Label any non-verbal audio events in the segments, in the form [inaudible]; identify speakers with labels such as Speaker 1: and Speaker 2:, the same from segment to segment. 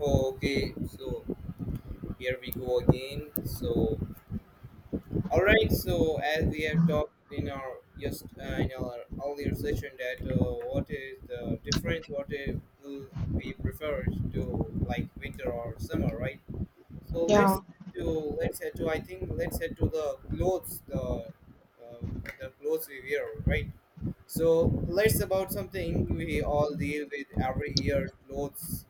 Speaker 1: Okay, so here we go again. So, all right. So, as we have talked in our just in our earlier session, that what is the difference? Will we prefer to like winter or summer, right? So
Speaker 2: Yeah.
Speaker 1: to let's head to I think let's head to uh, the clothes we wear, right? So let's about something we all deal with every year, clothes.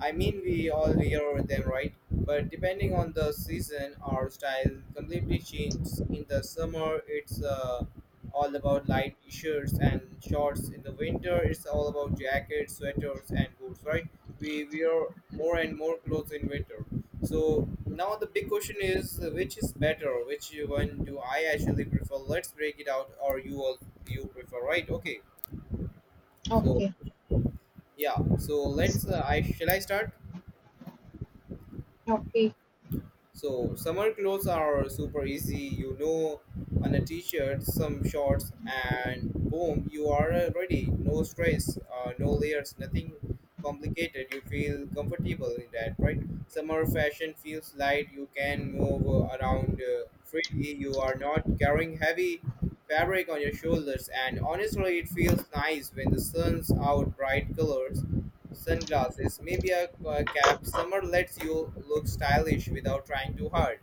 Speaker 1: I mean, we all wear them, right? But depending on the season, our style completely changes. In the summer, it's all about light t-shirts and shorts. In the winter, it's all about jackets, sweaters, and boots, right? We wear more and more clothes in winter. So now the big question is, which is better? Which one do I actually prefer? Let's break it out. Or you all, you prefer, right? Okay. So
Speaker 2: Okay.
Speaker 1: yeah. So let's. I shall I start?
Speaker 2: Okay.
Speaker 1: So summer clothes are super easy, you know, on a t-shirt, some shorts, and boom, you are ready. No stress, no layers, nothing complicated. You feel comfortable in that, right? Summer fashion feels light. You can move around freely. You are not carrying heavy fabric on your shoulders, and honestly, it feels nice when the sun's out: bright colors, sunglasses, maybe a cap. Summer lets you look stylish without trying too hard.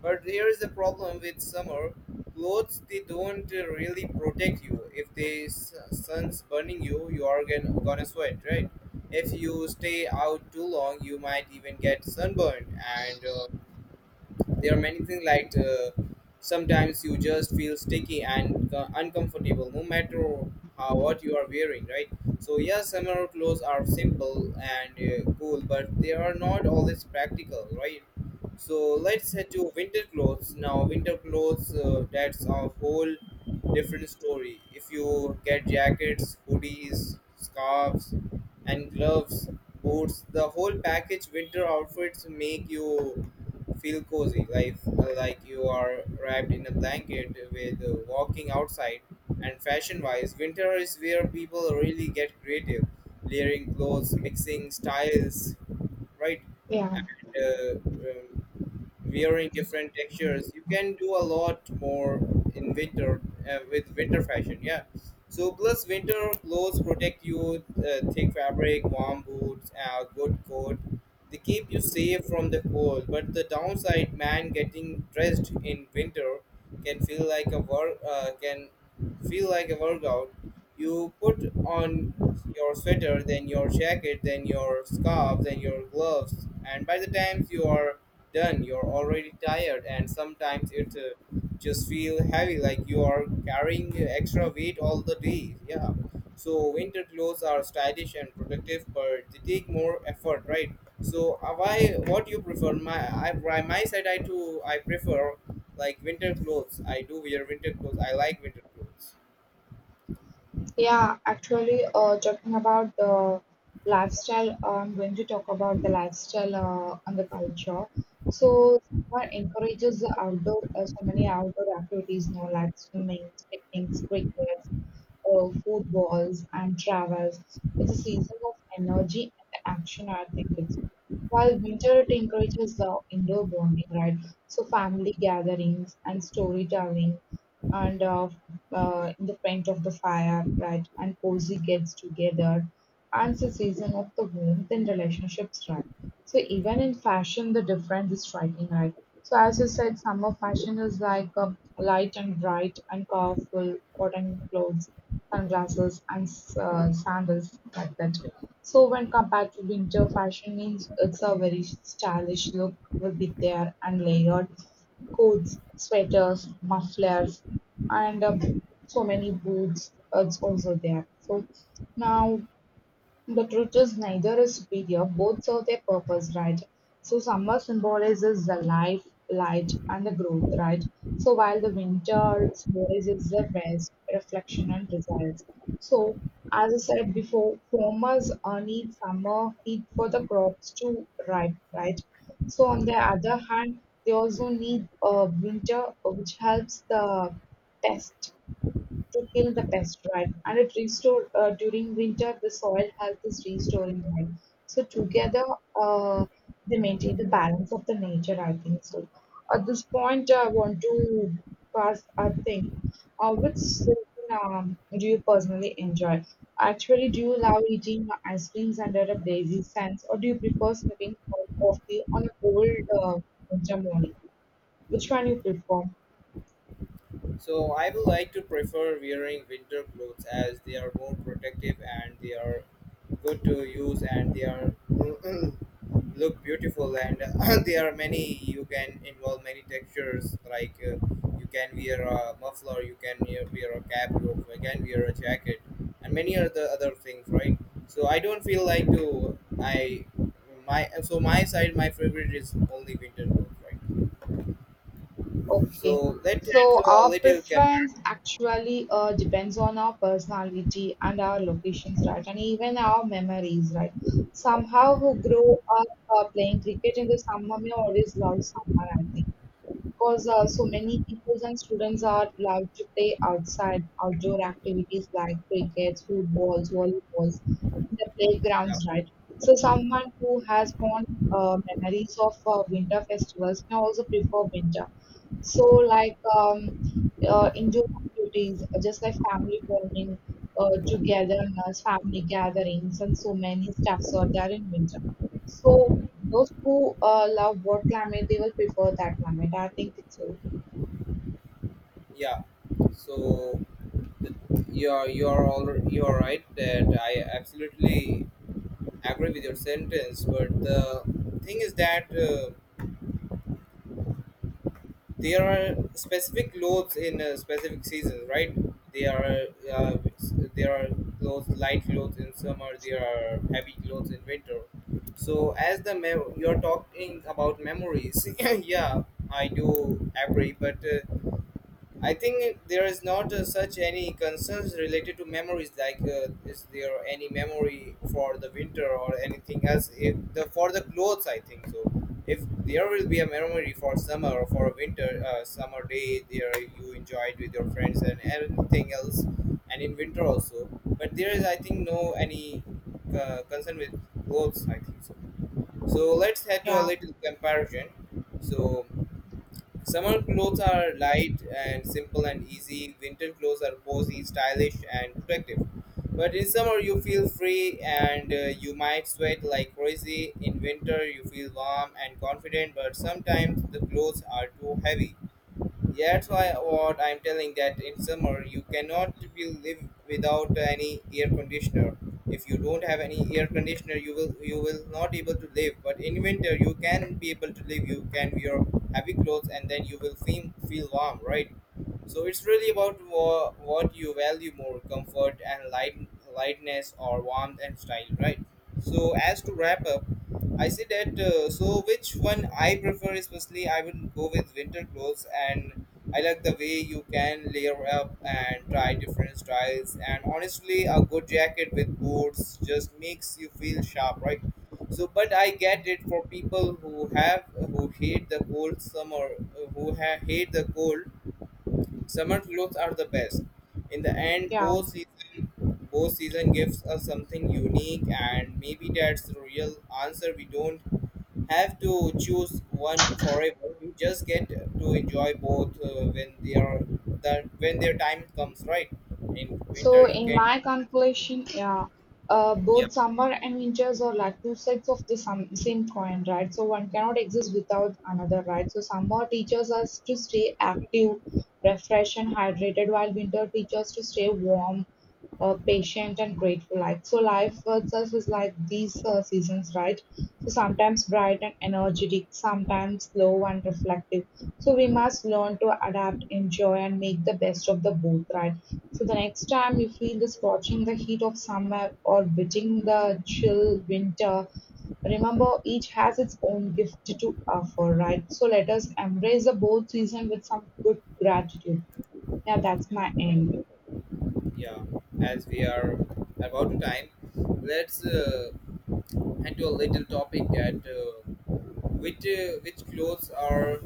Speaker 1: But there is a problem with summer clothes. They don't really protect you. If the sun's burning you, you are gonna sweat, right? If you stay out too long, you might even get sunburned. And there are many things, like sometimes you just feel sticky and uncomfortable, no matter how what you are wearing, right? So yes, summer clothes are simple and cool, but they are not always practical, right? So let's head to winter clothes. Now, winter clothes, that's a whole different story. If you get jackets, hoodies, scarves, and gloves, boots, the whole package, winter outfits make you feel cozy, like you are wrapped in a blanket with walking outside. And fashion wise, winter is where people really get creative, layering clothes, mixing styles, right?
Speaker 2: Yeah.
Speaker 1: And wearing different textures, you can do a lot more in winter with winter fashion, yeah. So plus, winter clothes protect you: thick fabric, warm boots, a good coat. They keep you safe from the cold. But the downside, man, getting dressed in winter can feel like a work can feel like a workout. You put on your sweater, then your jacket, then your scarf, then your gloves, and by the time you are done, you're already tired, and sometimes it just feel heavy, like you are carrying extra weight all the day. Yeah. So winter clothes are stylish and protective, but they take more effort, right? So why? What you prefer? My I by my side, I prefer like winter clothes. I do wear winter clothes. I like winter clothes.
Speaker 2: Yeah, actually, talking about the lifestyle, I'm going to talk about the lifestyle and the culture. So, someone encourages the outdoor, so many outdoor activities, no, like swimming, picnics, cricket, footballs, and travels. It's a season of energy and action, I think it's. While winter, it encourages the indoor bonding, right? So, family gatherings and storytelling and in the front of the fire, right? And cozy gets together. And the season of the womb, then relationships, right? So even in fashion, the difference is striking, right? So as you said, summer fashion is like a light and bright and colorful cotton clothes, sunglasses, and sandals like that. So when compared to winter fashion, means it's a very stylish look will be there and layered coats, sweaters, mufflers, and so many boots. It's also there. So now the truth is neither is superior, both serve their purpose, right? So summer symbolizes the life, light, and the growth, right? So while the winter symbolizes the rest, reflection, and desires. So as I said before, farmers need summer heat for the crops to ripe, right? So on the other hand, they also need winter, which helps the test to kill the pest, right? And it restore during winter the soil health is restoring, right? So together uh, they maintain the balance of the nature, I think so. At this point, I want to pass a thing. Which season do you personally enjoy? Actually, do you love eating ice creams under a blazing sun, or do you prefer sipping hot coffee on a cold uh, winter morning? Which one you prefer?
Speaker 1: So I would like to prefer wearing winter clothes, as they are more protective and they are good to use, and they are [clears throat] look beautiful, and [clears throat] there are many, you can involve many textures, like you can wear a muffler, you can wear a cap, you can wear a jacket, and many other things, right? So I don't feel like to I my so my side my favorite is only winter clothes, right?
Speaker 2: Okay.
Speaker 1: So let's do
Speaker 2: So
Speaker 1: a
Speaker 2: our
Speaker 1: little
Speaker 2: preference
Speaker 1: comparison.
Speaker 2: actually depends on our personality and our locations, right? And even our memories, right? Somehow who grow up playing cricket in the summer may always love summer, I think. Because so many people and students are allowed to play outside, outdoor activities like cricket, footballs, volleyballs, in the playgrounds, right? So someone who has fond memories of winter festivals may also prefer winter so, like indoor activities, just like family bonding, togetherness, family gatherings, and so many stuffs are there in winter. So, those who love what climate, they will prefer that climate. I think it's
Speaker 1: Yeah. So the- you're right, that I absolutely agree with your sentence, but the thing is that there are specific clothes in specific seasons, right? There are there are clothes light clothes in summer. There are heavy clothes in winter. So as you're talking about memories, [laughs] yeah, I do agree, but. I think there is not such any concerns related to memories. Like, is there any memory for the winter or anything else? If the for the clothes, I think so. If there will be a memory for summer or for a winter summer day, there you enjoyed with your friends and everything else, and in winter also. But there is, I think, no any concern with clothes, I think so. So let's head to a
Speaker 2: yeah,
Speaker 1: little comparison. So summer clothes are light and simple and easy. Winter clothes are cozy, stylish, and protective. But in summer, you feel free, and you might sweat like crazy. In winter, you feel warm and confident, but sometimes the clothes are too heavy. That's why what I'm telling, that in summer you cannot be live without any air conditioner. If you don't have any air conditioner, you will not able to live. But in winter you can be able to live. You can wear heavy clothes and then you will feel warm, right? So it's really about what you value more: comfort and lightness, or warmth and style, right? So as to wrap up, I say that so which one I prefer, especially I will go with winter clothes. And I like the way you can layer up and try different styles, and honestly a good jacket with boots just makes you feel sharp, right? So but I get it, for people who have who hate the cold summer, who hate the cold, summer clothes are the best. In the end,
Speaker 2: yeah.
Speaker 1: both season gives us something unique, and maybe that's the real answer. We don't have to choose one forever. We just get to enjoy both when they are that when their time comes, right? In winter,
Speaker 2: So,
Speaker 1: you
Speaker 2: in
Speaker 1: can
Speaker 2: my calculation, yeah, both summer and winters are like two sides of the same coin, right? So, one cannot exist without another, right? So, summer teaches us to stay active, refreshed, and hydrated, while winter teaches us to stay warm, patient, and grateful. Like so, life itself is like these seasons, right? So, sometimes bright and energetic, sometimes slow and reflective. So, we must learn to adapt, enjoy, and make the best of the both, right? So the next time you feel the scorching the heat of summer or biting the chill winter, remember each has its own gift to offer, right? So let us embrace the both season with some good gratitude. Yeah, that's my end.
Speaker 1: yeah. As we are about to time, let's head to a little topic that. Which clothes are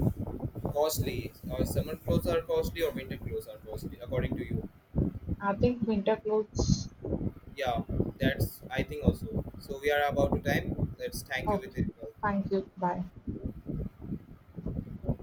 Speaker 1: costly? Or summer clothes are costly or winter clothes are costly, according to you?
Speaker 2: I think winter clothes.
Speaker 1: Yeah, that's I think also. So we are about to time. Let's thank you with
Speaker 2: Okay,
Speaker 1: it.
Speaker 2: thank you. Bye.